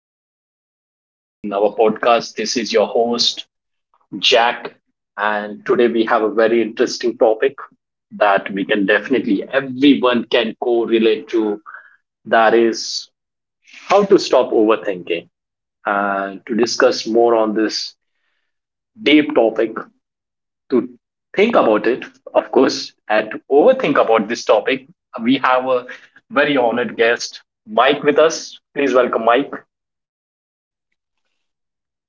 joining us today in our podcast. This is your host, Jack, and today we have a very interesting topic that we can definitely, everyone can correlate to, that is how to stop overthinking. And to discuss more on this deep topic, to think about it, of course, and to overthink about this topic, we have a very honored guest, Mike, with us. Please welcome Mike.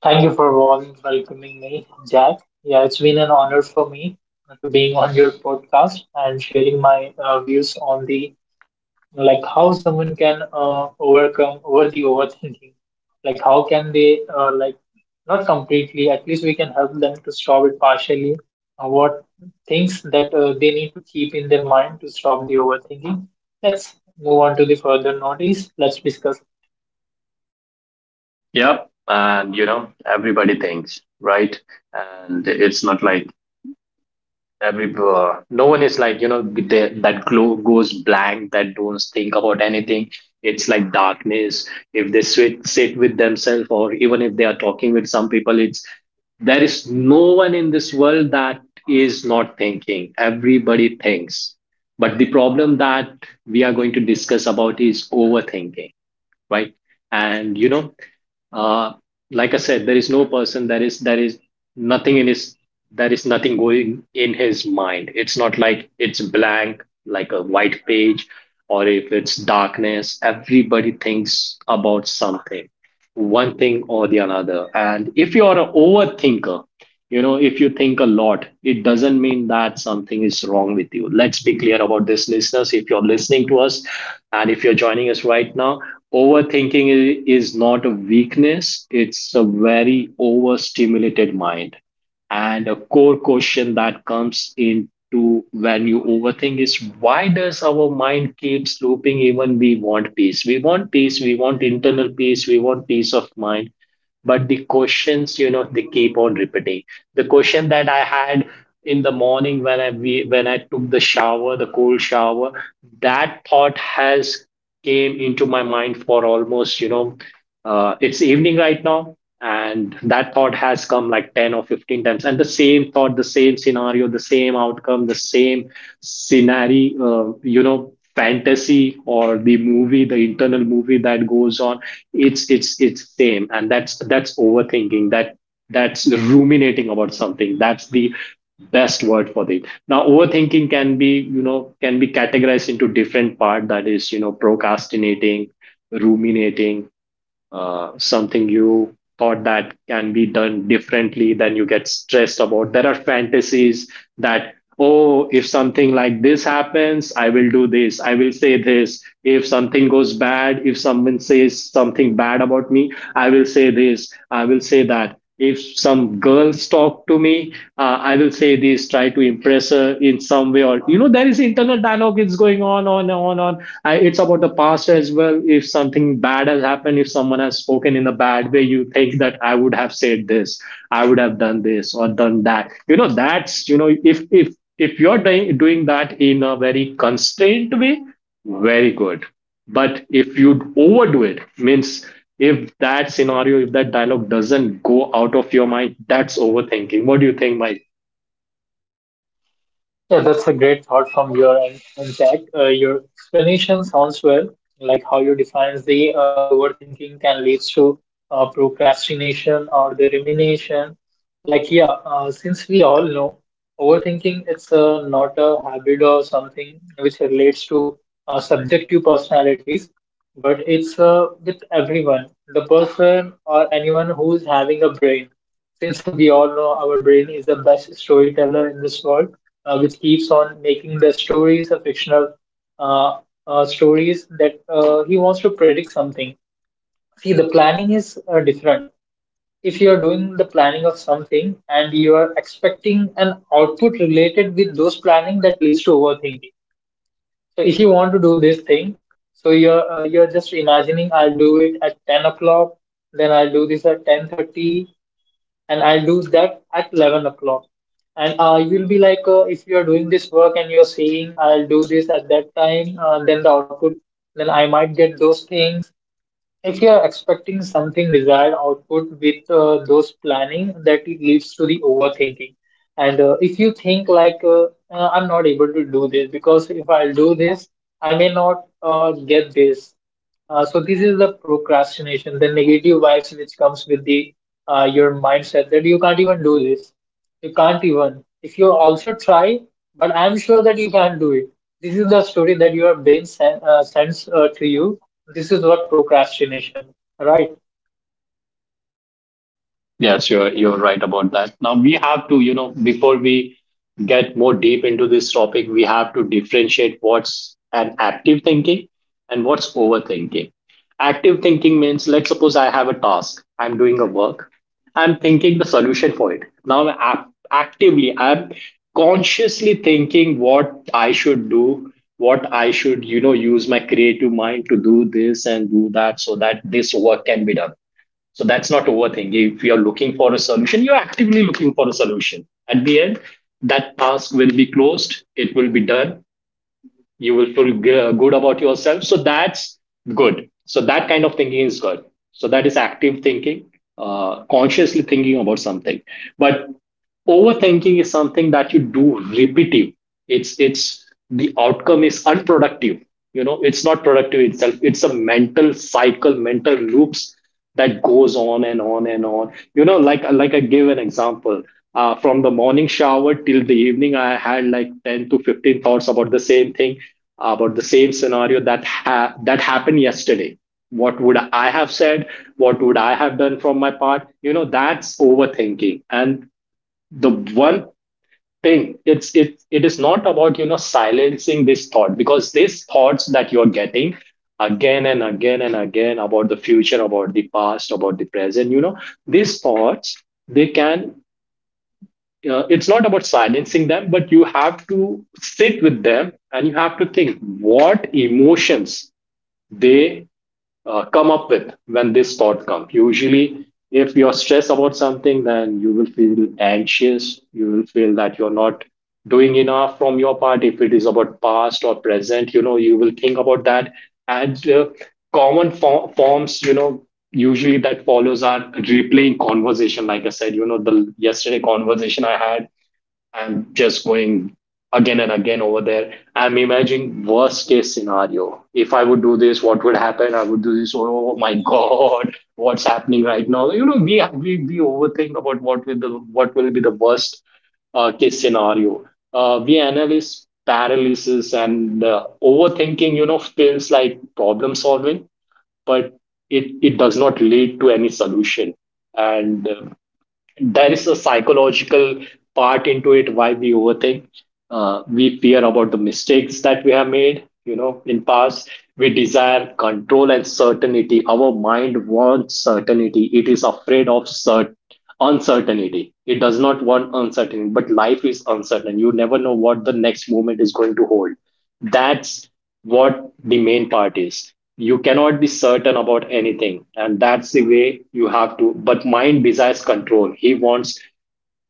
Thank you for warm welcoming me, Jack. Yeah, it's been an honor for me to being on your podcast and sharing my views on the like how someone can overcome over the overthinking. Like how can they like not completely, at least we can help them to stop it partially. What things that they need to keep in their mind to stop the overthinking. Let's move on to the further notice. Let's discuss. Yep. And you know, everybody thinks, right? And it's not like every no one is like, you know, they, that glow goes blank, that don't think about anything. It's like darkness. If they sit with themselves, or even if they are talking with some people, it's there is no one in this world that is not thinking. Everybody thinks. But the problem that we are going to discuss about is overthinking, right? And you know, uh, like I said, there is no person that is nothing in his, there is nothing going in his mind. It's not like it's blank like a white page or if it's darkness. Everybody thinks about something, one thing or the another. And if you are an overthinker, you know, if you think a lot, it doesn't mean that something is wrong with you. Let's be clear about this, listeners. If you're listening to us and if you're joining us right now, overthinking is not a weakness, it's a very overstimulated mind. And a core question that comes into when you overthink is, why does our mind keeps looping even we want peace? We want peace, we want internal peace, we want peace of mind, but the questions, you know, they keep on repeating. The question that I had in the morning when when I took the shower, the cold shower, that thought has came into my mind for almost, you know, it's evening right now. And that thought has come like 10 or 15 times. And the same thought, the same scenario, the same outcome, the same scenario, you know, fantasy or the movie, the internal movie that goes on. It's same. And that's overthinking. That's ruminating about something. That's the best word for this. Now overthinking can be, you know, can be categorized into different part, that is, you know, procrastinating, ruminating, something you thought that can be done differently, then you get stressed about. There are fantasies that, oh, if something like this happens, I will do this, I will say this. If something goes bad, if someone says something bad about me, I will say this, I will say that. If some girls talk to me, I will say this, try to impress her in some way, or you know, there is internal dialogue is going on, on. I, it's about the past as well. If something bad has happened, if someone has spoken in a bad way, you think that I would have said this, I would have done this or done that. You know, that's, you know, if if you're doing that in a very constrained way, very good. But if you overdo it, means if that scenario, if that dialogue doesn't go out of your mind, that's overthinking. What do you think, Mike? Yeah, that's a great thought from your end, in fact. Your explanation sounds well, like how you define the overthinking can lead to procrastination or the rumination. Like, yeah, since we all know overthinking, it's not a habit or something which relates to subjective personalities, but it's with everyone, the person or anyone who is having a brain. Since we all know our brain is the best storyteller in this world, which keeps on making the stories a fictional uh, stories that he wants to predict something. See, the planning is different. If you are doing the planning of something and you are expecting an output related with those planning, that leads to overthinking. So if you want to do this thing, so you're just imagining I'll do it at 10 o'clock, then I'll do this at 10:30, and I'll do that at 11 o'clock. And you'll be like, if you're doing this work and you're saying I'll do this at that time, then the output, then I might get those things. If you are expecting something desired output with those planning, that it leads to the overthinking. And if you think I'm not able to do this because if I'll do this, I may not get this. So this is the procrastination, the negative vibes which comes with the your mindset that you can't even do this. You can't even. If you also try, but I'm sure that you can't do it. This is the story that your brain sends to you. This is what procrastination, right? Yes, you're right about that. Now we have to, you know, before we get more deep into this topic, we have to differentiate what's an active thinking and what's overthinking. Active thinking means, let's suppose I have a task, I'm doing a work, I'm thinking the solution for it. Now actively, I'm consciously thinking what I should do, what I should, you know, use my creative mind to do this and do that so that this work can be done, so that's not overthinking. If you're looking for a solution, you're actively looking for a solution. At the end, that task will be closed. It will be done. You will feel good about yourself. So that's good. So that kind of thinking is good. So that is active thinking, consciously thinking about something. But overthinking is something that you do repetitive. It's the outcome is unproductive. You know, it's not productive itself. It's a mental cycle, mental loops that goes on and on and on. You know, like I give an example, from the morning shower till the evening I had like 10 to 15 thoughts about the same thing, about the same scenario that happened yesterday. What would I have said, what would I have done from my part, you know, that's overthinking. And the one thing, it it is not about, you know, silencing this thought, because these thoughts that you're getting again and again and again, about the future, about the past, about the present, you know, these thoughts, they can, it's not about silencing them, but you have to sit with them, and you have to think what emotions they come up with when this thought comes. Usually, if you're stressed about something, then you will feel anxious. You will feel that you're not doing enough from your part. If it is about past or present, you know, you will think about that. And common forms, you know, usually that follows are replaying conversation. Like I said, you know, the yesterday conversation I had, I'm just going again and again over there. I'm imagining worst case scenario. If I would do this, what would happen? I would do this. Oh my God, what's happening right now? You know, we overthink about what will the, what will be the worst case scenario. We analyze paralysis and overthinking. You know, feels like problem solving, but it does not lead to any solution. And there is a psychological part into it why we overthink. We fear about the mistakes that we have made, you know, in past. We desire control and certainty. Our mind wants certainty. It is afraid of uncertainty. It does not want uncertainty. But life is uncertain. You never know what the next moment is going to hold. That's what the main part is. You cannot be certain about anything, and that's the way you have to. But mind desires control. He wants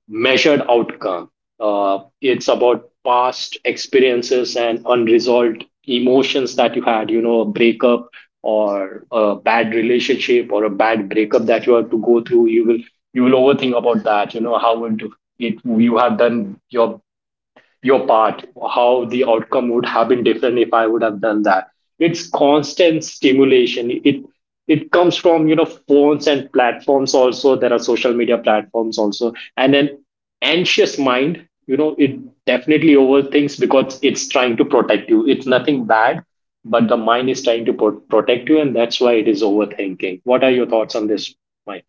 measured outcome. It's about past experiences and unresolved emotions that you had. You know, a breakup or a bad relationship or a bad breakup that you have to go through. You will overthink about that. You know, how would it, you have done your part, how the outcome would have been different if I would have done that. It's constant stimulation. It comes from, you know, phones and platforms also. There are social media platforms also, and an anxious mind. You know, it definitely overthinks because it's trying to protect you. It's nothing bad, but the mind is trying to protect you, and that's why it is overthinking. What are your thoughts on this, Mike?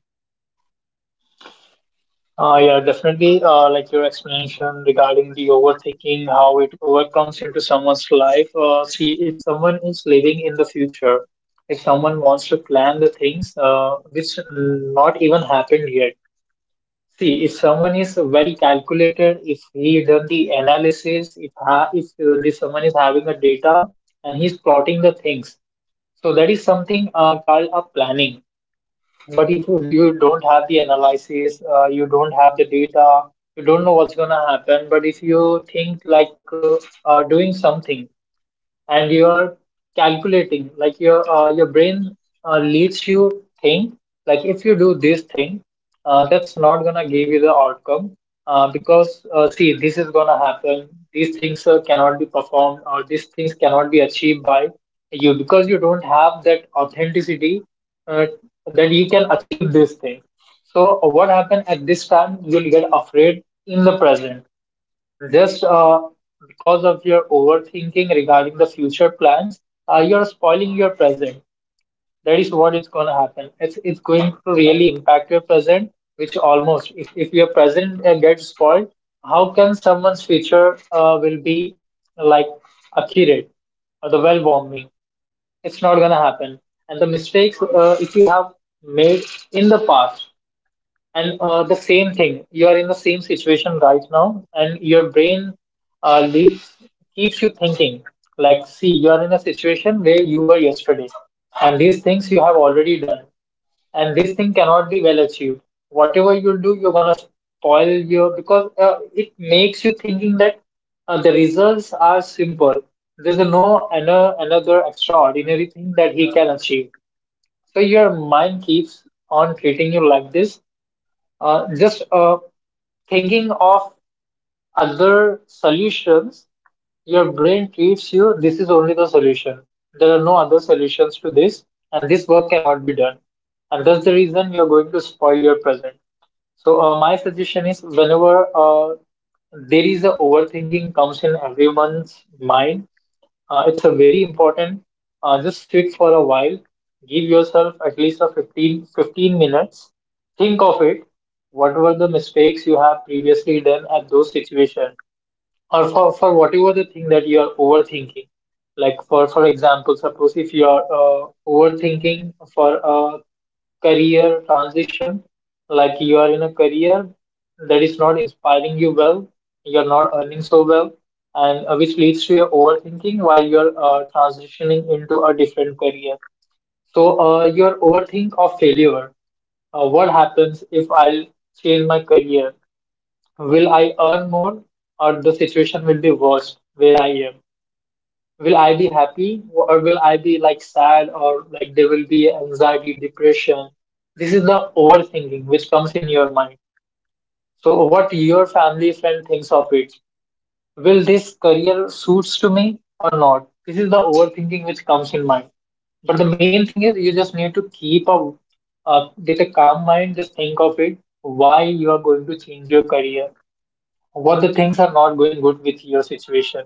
Yeah, definitely. Like your explanation regarding the overthinking, how it overcomes into someone's life. See, if someone is living in the future, if someone wants to plan the things which not even happened yet. See, if someone is well calculated, if he done the analysis, if this someone is having a data and he's plotting the things, so that is something called a planning. But if you don't have the analysis, you don't have the data, you don't know what's gonna happen. But if you think like doing something, and you're calculating like your brain leads you think like if you do this thing, that's not gonna give you the outcome because see this is gonna happen, these things cannot be performed or these things cannot be achieved by you because you don't have that authenticity uh, that you can achieve this thing. So what happened at this time, you'll get afraid in the present just because of your overthinking regarding the future plans. Uh, you're spoiling your present. That is what is going to happen. It's going to really impact your present, which almost if your present gets spoiled, how can someone's future will be like accurate or the well warming? It's not going to happen. And the mistakes, if you have made in the past and the same thing, you are in the same situation right now, and your brain uh, leaps, keeps you thinking. Like, see, you are in a situation where you were yesterday, and these things you have already done, and this thing cannot be well achieved. Whatever you do, you're gonna spoil your, because it makes you thinking that the results are simple. There's no another extraordinary thing that he can achieve. So your mind keeps on treating you like this, just thinking of other solutions, your brain treats you, this is only the solution. There are no other solutions to this, and this work cannot be done. And that's the reason you're going to spoil your present. So, my suggestion is whenever there is a overthinking comes in everyone's mind, it's a very important. Just sit for a while. Give yourself at least a fifteen minutes. Think of it. What were the mistakes you have previously done at those situations? Or for whatever the thing that you are overthinking. Like for example, suppose if you are overthinking for a career transition, like you are in a career that is not inspiring you well, you are not earning so well, and which leads to your overthinking while you are transitioning into a different career. So your overthink of failure, what happens if I'll change my career? Will I earn more, or the situation will be worse where I am? Will I be happy, or will I be like sad, or like there will be anxiety, depression? This is the overthinking which comes in your mind. So what your family friend thinks of it? Will this career suits to me or not? This is the overthinking which comes in mind. But the main thing is you just need to keep a with a calm mind. Just think of it. Why you are going to change your career? What the things are not going good with your situation.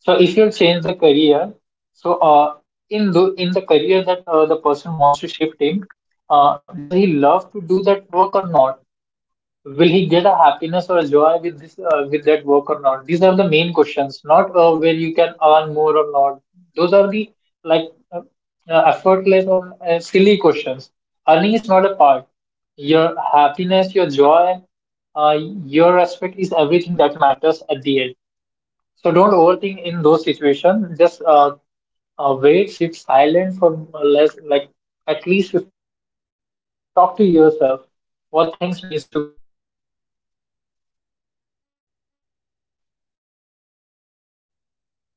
So if you change the career, so in the career that the person wants to shift in, does he love to do that work or not? Will he get a happiness or a joy with this with that work or not? These are the main questions, not where you can earn more or not. Those are the like effortless or silly questions. Earning is not a part. Your happiness, your joy, uh, your respect is everything that matters at the end. So don't overthink in those situations. Just wait, sit silent for less like.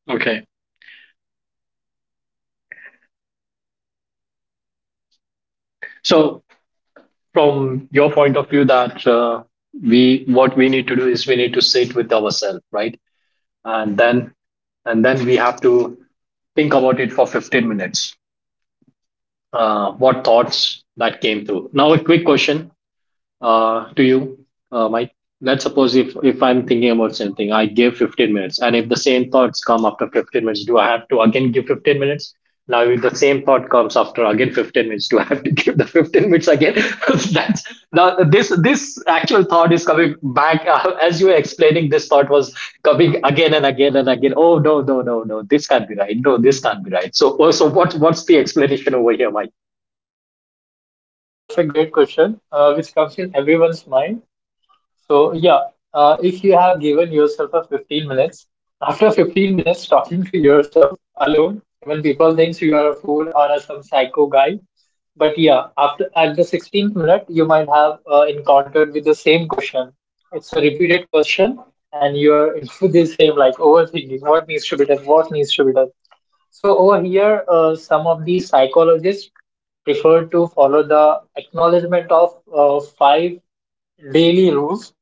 Okay. So from your point of view, that we what we need to do is we need to sit with ourselves, right, and then, and then we have to think about it for 15 minutes, what thoughts that came through. Now a quick question, to you, Mike. Let's suppose if I'm thinking about something, I give 15 minutes, and if the same thoughts come after 15 minutes, do I have to again give 15 minutes? Now, if the same thought comes after again 15 minutes, do I have to give the 15 minutes again? That's, now this actual thought is coming back as you were explaining. This thought was coming again and again and again. Oh, no! This can't be right. No, this can't be right. So oh, so what's the explanation over here, Mike? Yeah, that's a great question, which comes in everyone's mind. So, yeah, if you have given yourself a 15 minutes, after 15 minutes talking to yourself alone, even people thinks you are a fool or a, some psycho guy. But yeah, after at the 16th minute, you might have encountered with the same question. It's a repeated question, and you're into the same like overthinking. What needs to be done? What needs to be done? So over here, some of the psychologists prefer to follow the acknowledgement of five daily rules.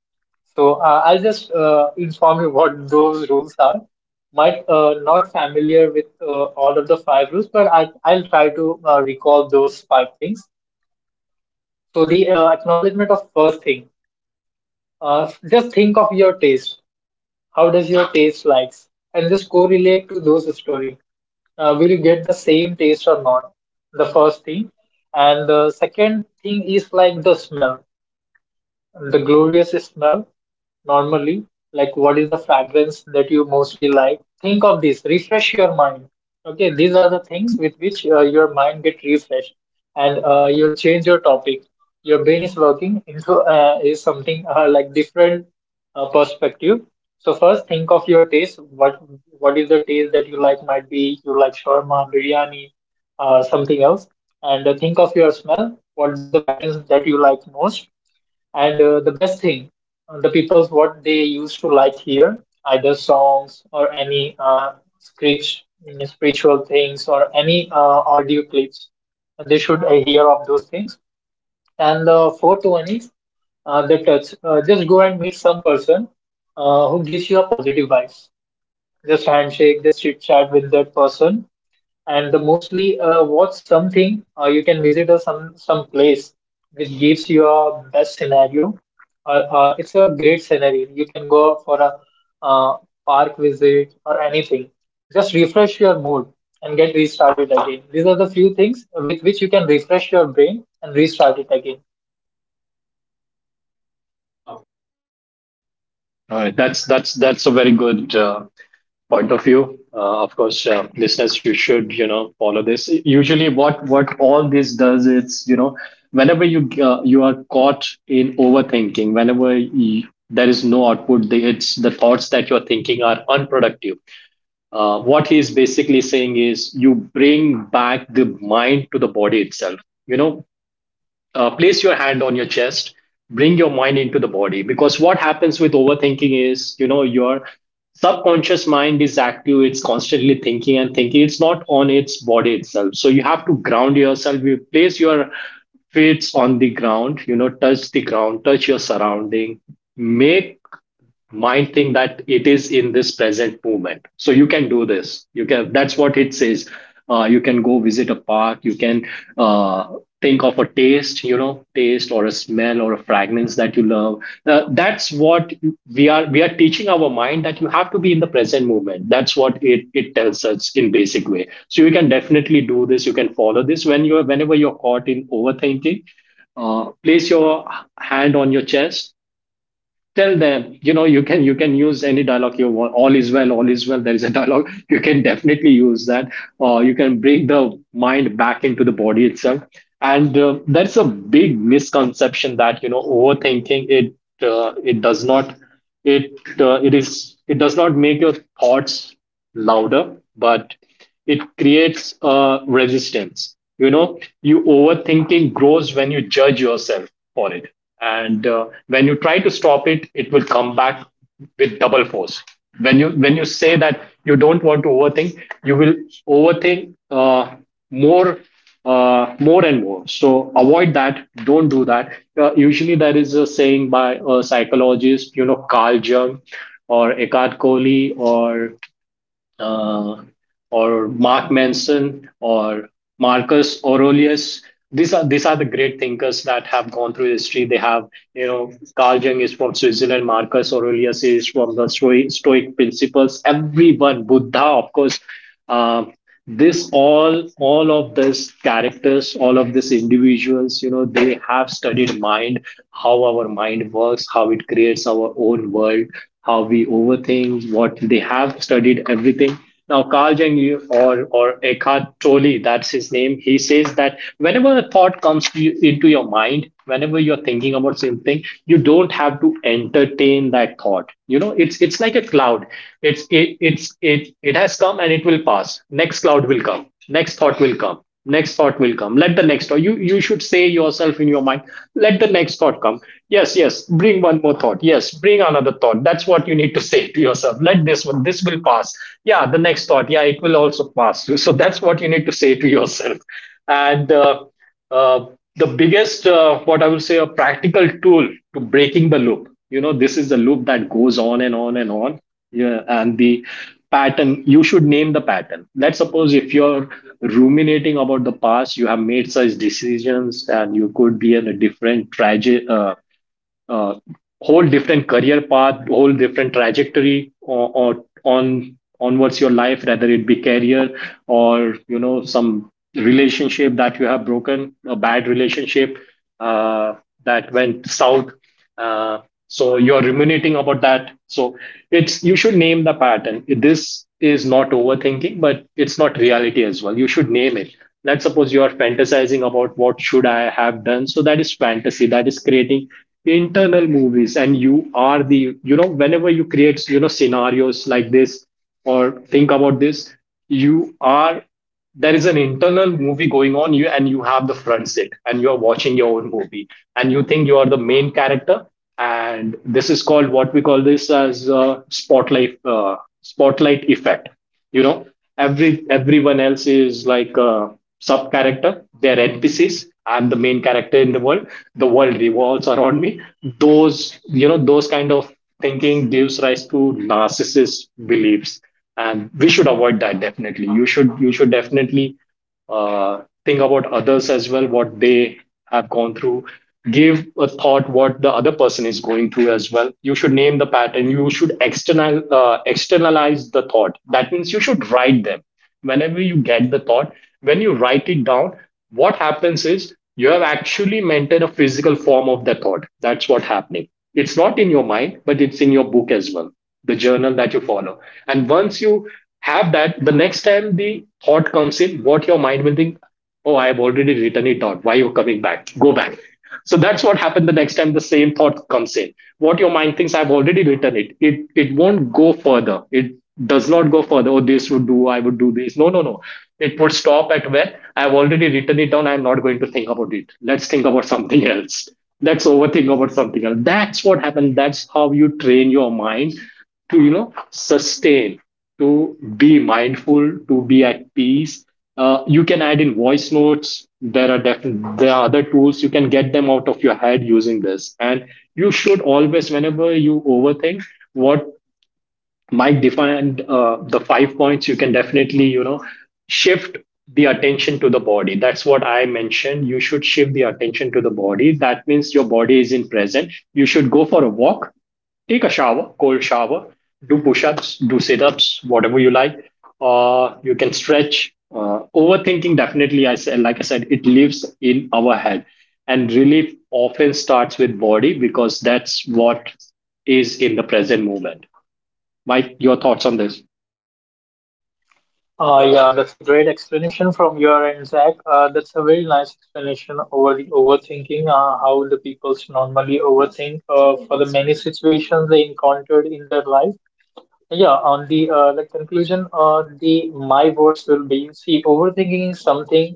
So I'll just inform you what those rules are. Might not familiar with all of the five rules, but I'll try to recall those five things. So the acknowledgement of first thing. Just think of your taste. How does your taste likes? And just correlate to those story. Will you get the same taste or not? The first thing and the second thing is like the smell. The glorious smell, normally, like what is the fragrance that you mostly like? Think of this, refresh your mind. Okay, these are the things with which your mind get refreshed, and you'll change your topic. Your brain is working into is something like different perspective. So first, think of your taste. What is the taste that you like? Might be you like shawarma, biryani, something else. And think of your smell. What the fragrance that you like most? And the best thing, the people's what they used to like here, either songs or any script, spiritual things or any audio clips, they should hear of those things. And the fourth one is the touch. Just go and meet some person who gives you a positive vibes. Just handshake, just chit chat with that person, and the mostly watch something you can visit or some place which gives you a best scenario, or it's a great scenario. You can go for a uh, park visit or anything. Just refresh your mood and get restarted again. These are the few things with which you can refresh your brain and restart it again. All right, that's a very good point of view. Of course, listeners, you should, you know, follow this. Usually, what all this does is, you know, whenever you you are caught in overthinking, whenever you, there is no output, the, it's the thoughts that you're thinking are unproductive. What he's basically saying is you bring back the mind to the body itself. You know, place your hand on your chest, bring your mind into the body, because what happens with overthinking is you know your subconscious mind is active, it's constantly thinking and thinking, it's not on its body itself. So you have to ground yourself, you place your feet on the ground, you know, touch the ground, touch your surrounding, make mind thing that it is in this present moment. So you can do this, you can, that's what it says. You can go visit a park, you can uh, think of a taste, you know, taste or a smell or a fragrance that you love. That's what we are teaching our mind, that you have to be in the present moment. That's what it tells us in basic way. So you can definitely do this, you can follow this when you're whenever you're caught in overthinking. Place your hand on your chest, tell them, you know, you can, you can use any dialogue you want. All is well, all is well, there is a dialogue you can definitely use that, or you can bring the mind back into the body itself. And that's a big misconception that you know overthinking it, it does not, it it is it does not make your thoughts louder, but it creates a resistance. You know, you overthinking grows when you judge yourself for it. And when you try to stop it, it will come back with double force. When you when you say that you don't want to overthink, you will overthink more, more and more. So avoid that, don't do that. Usually there is a saying by a psychologist, you know, Carl Jung or Eckhart Kohli uh, or Mark Manson or Marcus Aurelius. These are the great thinkers that have gone through history. They have, you know, Carl Jung is from Switzerland, Marcus Aurelius is from the Stoic, Stoic principles. Everyone, Buddha, of course. Um, this, all of these characters, all of these individuals, you know, they have studied mind, how our mind works, how it creates our own world, how we overthink. What they have studied everything. Now, Carl Jung or Eckhart Tolle, that's his name, he says that whenever a thought comes to you, into your mind, whenever you're thinking about something, you don't have to entertain that thought. You know, it's like a cloud. It it has come and it will pass. Next cloud will come. Next thought will come, next thought will come. Let the next thought, you should say yourself in your mind, let the next thought come. Yes, yes, bring one more thought, yes, bring another thought. That's what you need to say to yourself. Let this one, this will pass, yeah, the next thought, yeah, it will also pass. So that's what you need to say to yourself. And uh, uh, the biggest what I will say a practical tool to breaking the loop. You know, this is the loop that goes on and on and on, yeah, and the pattern, you should name the pattern. Let's suppose if you're ruminating about the past, you have made such decisions and you could be in a different uh, whole different career path, whole different trajectory, or on onwards your life, whether it be career or you know some relationship that you have broken, a bad relationship, uh, that went south. Uh, so you're ruminating about that. So it's, you should name the pattern. This is not overthinking, but it's not reality as well. You should name it. Let's suppose you are fantasizing about what should I have done. So that is fantasy, that is creating internal movies, and you are the, you know, whenever you create, you know, scenarios like this or think about this, you are, there is an internal movie going on, you, and you have the front seat and you are watching your own movie, and you think you are the main character. And this is called, what we call this as spotlight spotlight effect, you know. Everyone else is like a sub character, they're NPCs, I'm the main character in the world, the world revolves around me. Those, you know, those kind of thinking gives rise to narcissist beliefs, and we should avoid that. Definitely, you should definitely think about others as well, what they have gone through. Give a thought what the other person is going through as well. You should name the pattern. You should externalize the thought. That means you should write them. Whenever you get the thought, when you write it down, what happens is you have actually maintained a physical form of the thought. That's what happening. It's not in your mind, but it's in your book as well, the journal that you follow. And once you have that, the next time the thought comes in, what your mind will think, oh, I have already written it down, why are you coming back, go back. So that's what happened. The next time the same thought comes in, what your mind thinks, I've already written it, it won't go further, it does not go further. Oh, this would do, I would do this, no, no, no, it would stop at where I've already written it down. I'm not going to think about it, let's think about something else, let's overthink about something else. That's what happened, that's how you train your mind to, you know, sustain, to be mindful, to be at peace. You can add in voice notes. There are definitely, there are other tools you can get them out of your head using this. And you should always, whenever you overthink, what Mike defined, the 5 points, you can definitely, you know, shift the attention to the body. That's what I mentioned. You should shift the attention to the body. That means your body is in present. You should go for a walk, take a shower, cold shower, do push ups, do sit ups, whatever you like, or you can stretch. Overthinking, definitely, I said, like I said, it lives in our head, and relief often starts with body because that's what is in the present moment. Mike, your thoughts on this? Yeah, that's a great explanation from your end, Zach. That's a very nice explanation over the overthinking, how the peoples normally overthink for the many situations they encountered in their life. Yeah, on the conclusion, the my words will be, see, overthinking is something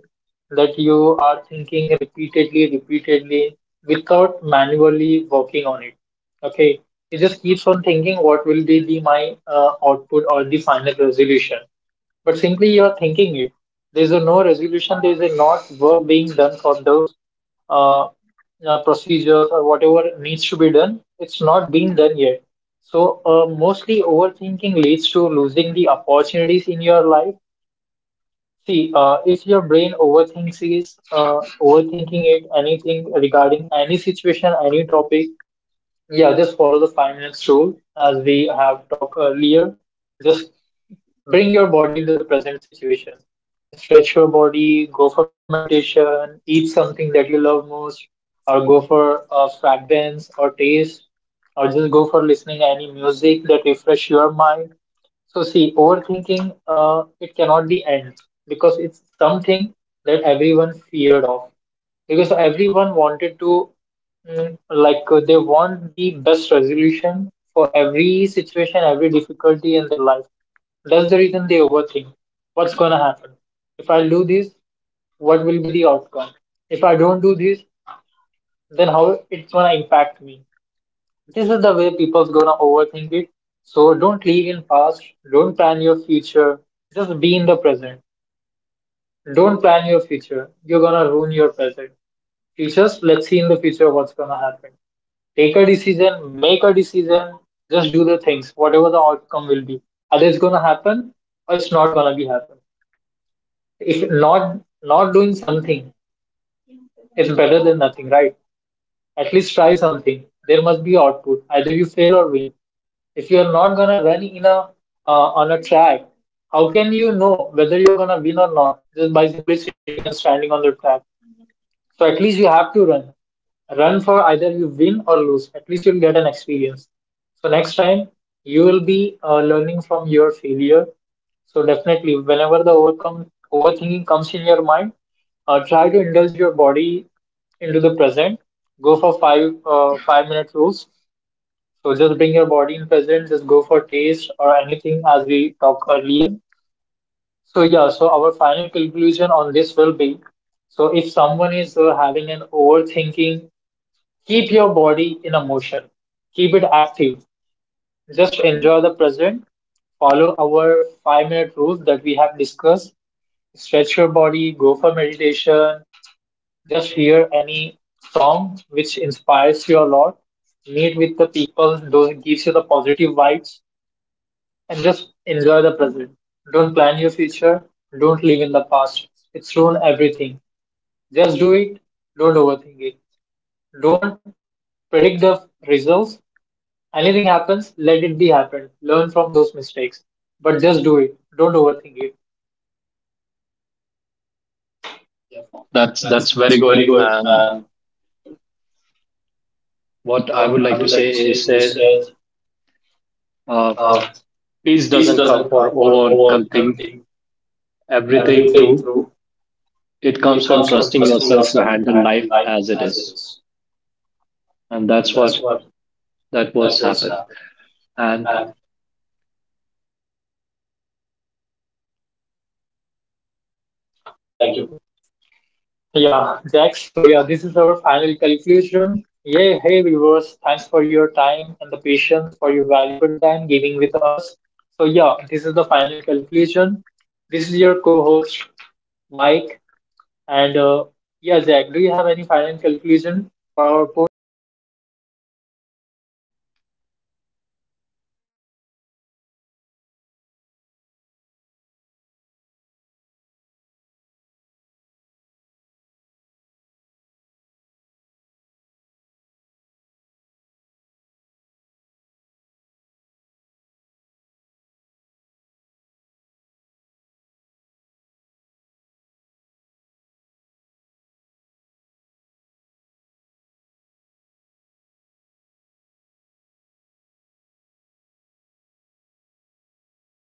that you are thinking repeatedly, repeatedly without manually working on it. Okay, it just keeps on thinking what will be the my output or the final resolution, but simply you're thinking it. There's a no resolution. There's a not work being done for those uh, procedures or whatever needs to be done. It's not being done yet. So mostly overthinking leads to losing the opportunities in your life. See, if your brain overthinks is overthinking it anything regarding any situation, any topic, yeah, just follow the 5 minutes rule as we have talked earlier. Just bring your body into the present situation. Stretch your body, go for meditation, eat something that you love most, or go for a fragrance or taste, or just go for listening any music that refresh your mind. So see, overthinking, it cannot be end, because it's something that everyone feared of. Because everyone wanted to, they want the best resolution for every situation, every difficulty in their life. That's the reason they overthink. What's gonna happen? If I do this, what will be the outcome? If I don't do this, then how it's gonna impact me? This is the way people's gonna overthink it. So don't live in past. Don't plan your future. Just be in the present. Don't plan your future. You're gonna ruin your present. Futures. Let's see in the future what's gonna happen. Take a decision. Make a decision. Just do the things. Whatever the outcome will be, either it's gonna happen or it's not gonna be happen. If not not doing something is better than nothing, right? At least try something. There must be output. Either you fail or win. If you are not gonna run in a on a track, how can you know whether you're gonna win or not just by simply sitting and standing on the track? So at least you have to run. Run, for either you win or lose. At least you'll get an experience. So next time you will be learning from your failure. So definitely, whenever the overcome overthinking comes in your mind, try to indulge your body into the present. Go for 5 minute rules. So just bring your body in present. Just go for taste or anything as we talked earlier. So yeah, so our final conclusion on this will be, so if someone is having an overthinking, keep your body in a motion, keep it active, just enjoy the present, follow our 5 minute rule that we have discussed, stretch your body, go for meditation, just hear any song which inspires you a lot, meet with the people, those gives you the positive vibes, and just enjoy the present. Don't plan your future. Don't live in the past. It's ruined everything. Just do it. Don't overthink it. Don't predict the results. Anything happens, let it be happen. Learn from those mistakes. But just do it. Don't overthink it. That's very good. And what I would like to say is that uh, peace doesn't come for overcoming everything through. It comes from trusting yourself to handle life as it is. And that's what, that what's happened, and Thank you. Yeah, Jax. So yeah, this is our final conclusion. Yeah, hey viewers, thanks for your time and the patience for your valuable time giving with us. So yeah, this is the final conclusion. This is your co-host Mike. And yeah, Zach, do you have any final conclusion for our podcast? Yeah, thank you. And to our listeners, thank you for joining. Thank you for tuning in. Don't overthink. And definitely, what I would say is, you know, whenever a thought comes, give. If you think that you are overthinking, you know, do certain steps that Mike told us. Be with your body, and definitely that is going to help. And this is your host, Jack, signing off. Thank you for joining us. Stay tuned for the next podcast as well. Thank you. Bye bye.